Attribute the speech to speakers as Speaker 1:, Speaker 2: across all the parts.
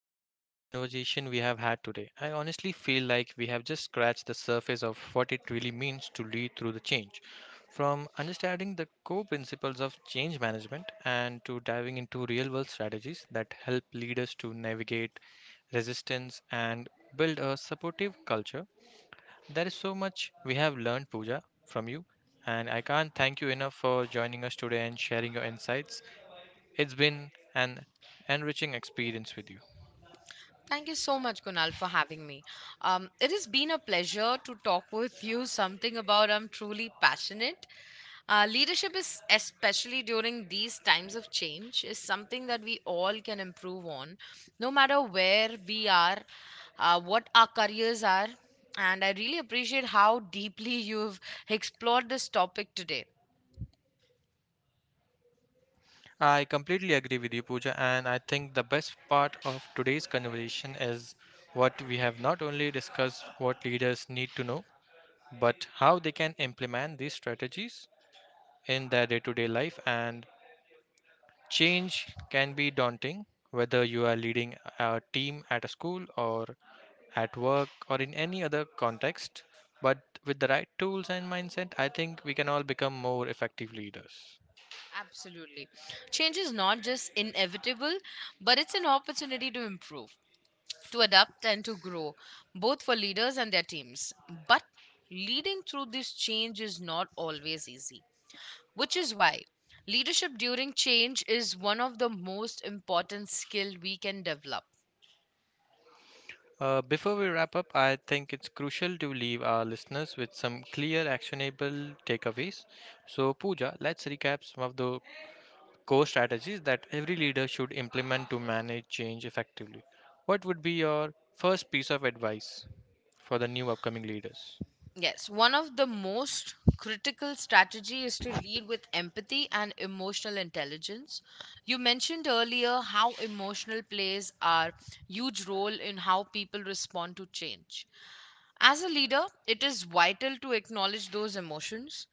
Speaker 1: incredible conversation we have had today. I honestly feel like we have just scratched the surface of what it really means to lead through the change. From understanding the core principles of change management and to diving into real world strategies that help leaders to navigate resistance and build a supportive culture, there is so much we have learned, Pooja, from you. And I can't thank you enough for joining us today and sharing your insights. It's been an enriching experience with you.
Speaker 2: Thank you so much, Kunal, for having me. It has been a pleasure to talk with you something about I'm truly passionate. Leadership is, especially during these times of change, is something that we all can improve on, no matter where we are, what our careers are. And I really appreciate how deeply you've explored this topic today.
Speaker 1: I completely agree with you, Pooja, and I think the best part of today's conversation is what we have not only discussed what leaders need to know, but how they can implement these strategies in their day to day life. And change can be daunting, whether you are leading a team at a school or at work or in any other context. But with the right tools and mindset, I think we can all become more effective leaders.
Speaker 2: Absolutely. Change is not just inevitable, but it's an opportunity to improve, to adapt and to grow, both for leaders and their teams. But leading through this change is not always easy, which is why leadership during change is one of the most important skill we can develop.
Speaker 1: Before we wrap up, I think it's crucial to leave our listeners with some clear, actionable takeaways. So, Pooja, let's recap some of the core strategies that every leader should implement to manage change effectively. What would be your first piece of advice for the new upcoming leaders?
Speaker 2: Yes, one of the most critical strategy is to lead with empathy and emotional intelligence. You mentioned earlier how emotional plays are huge role in how people respond to change. As a leader, it is vital to acknowledge those emotions.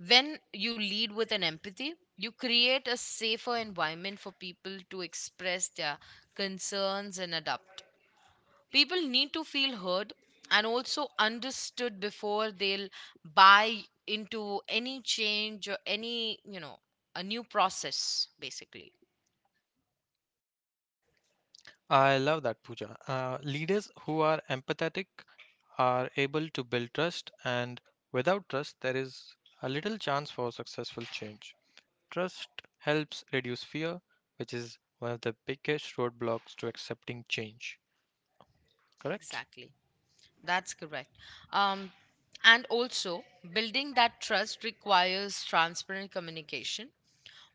Speaker 2: When you lead with an empathy, you create a safer environment for people to express their concerns and adapt. People need to feel heard and also understood before they'll buy into any change or any, a new process, basically.
Speaker 1: I love that, Pooja. Leaders who are empathetic are able to build trust, and without trust, there is a little chance for successful change. Trust helps reduce fear, which is one of the biggest roadblocks to accepting change, correct?
Speaker 2: Exactly. That's correct. Um, and also, building that trust requires transparent communication.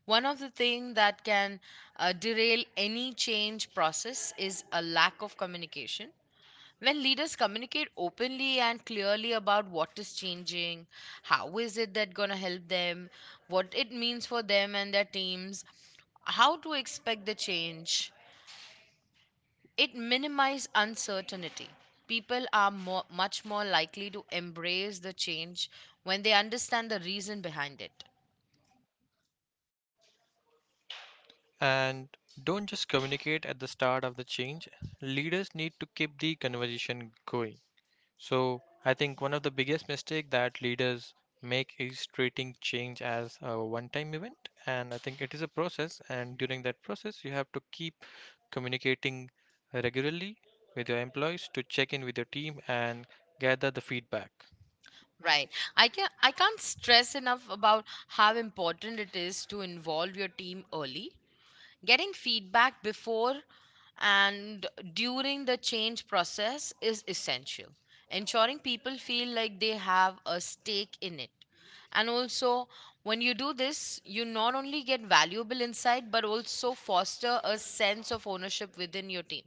Speaker 2: One of the things that can derail any change process is a lack of communication. When leaders communicate openly and clearly about what is changing, how is it that going to help them, what it means for them and their teams, how to expect the change, it minimizes uncertainty. People are more, much more likely to embrace the change when they understand the reason behind it.
Speaker 1: And don't just communicate at the start of the change. Leaders need to keep the conversation going. So, I think one of the biggest mistake that leaders make is treating change as a one-time event, and I think it is a process, and during that process, you have to keep communicating regularly with your employees to check in with your team and gather the feedback.
Speaker 2: Right. I can't stress enough about how important it is to involve your team early. Getting feedback before and during the change process is essential, ensuring people feel like they have a stake in it. And also, when you do this, you not only get valuable insight but also foster a sense of ownership within your team.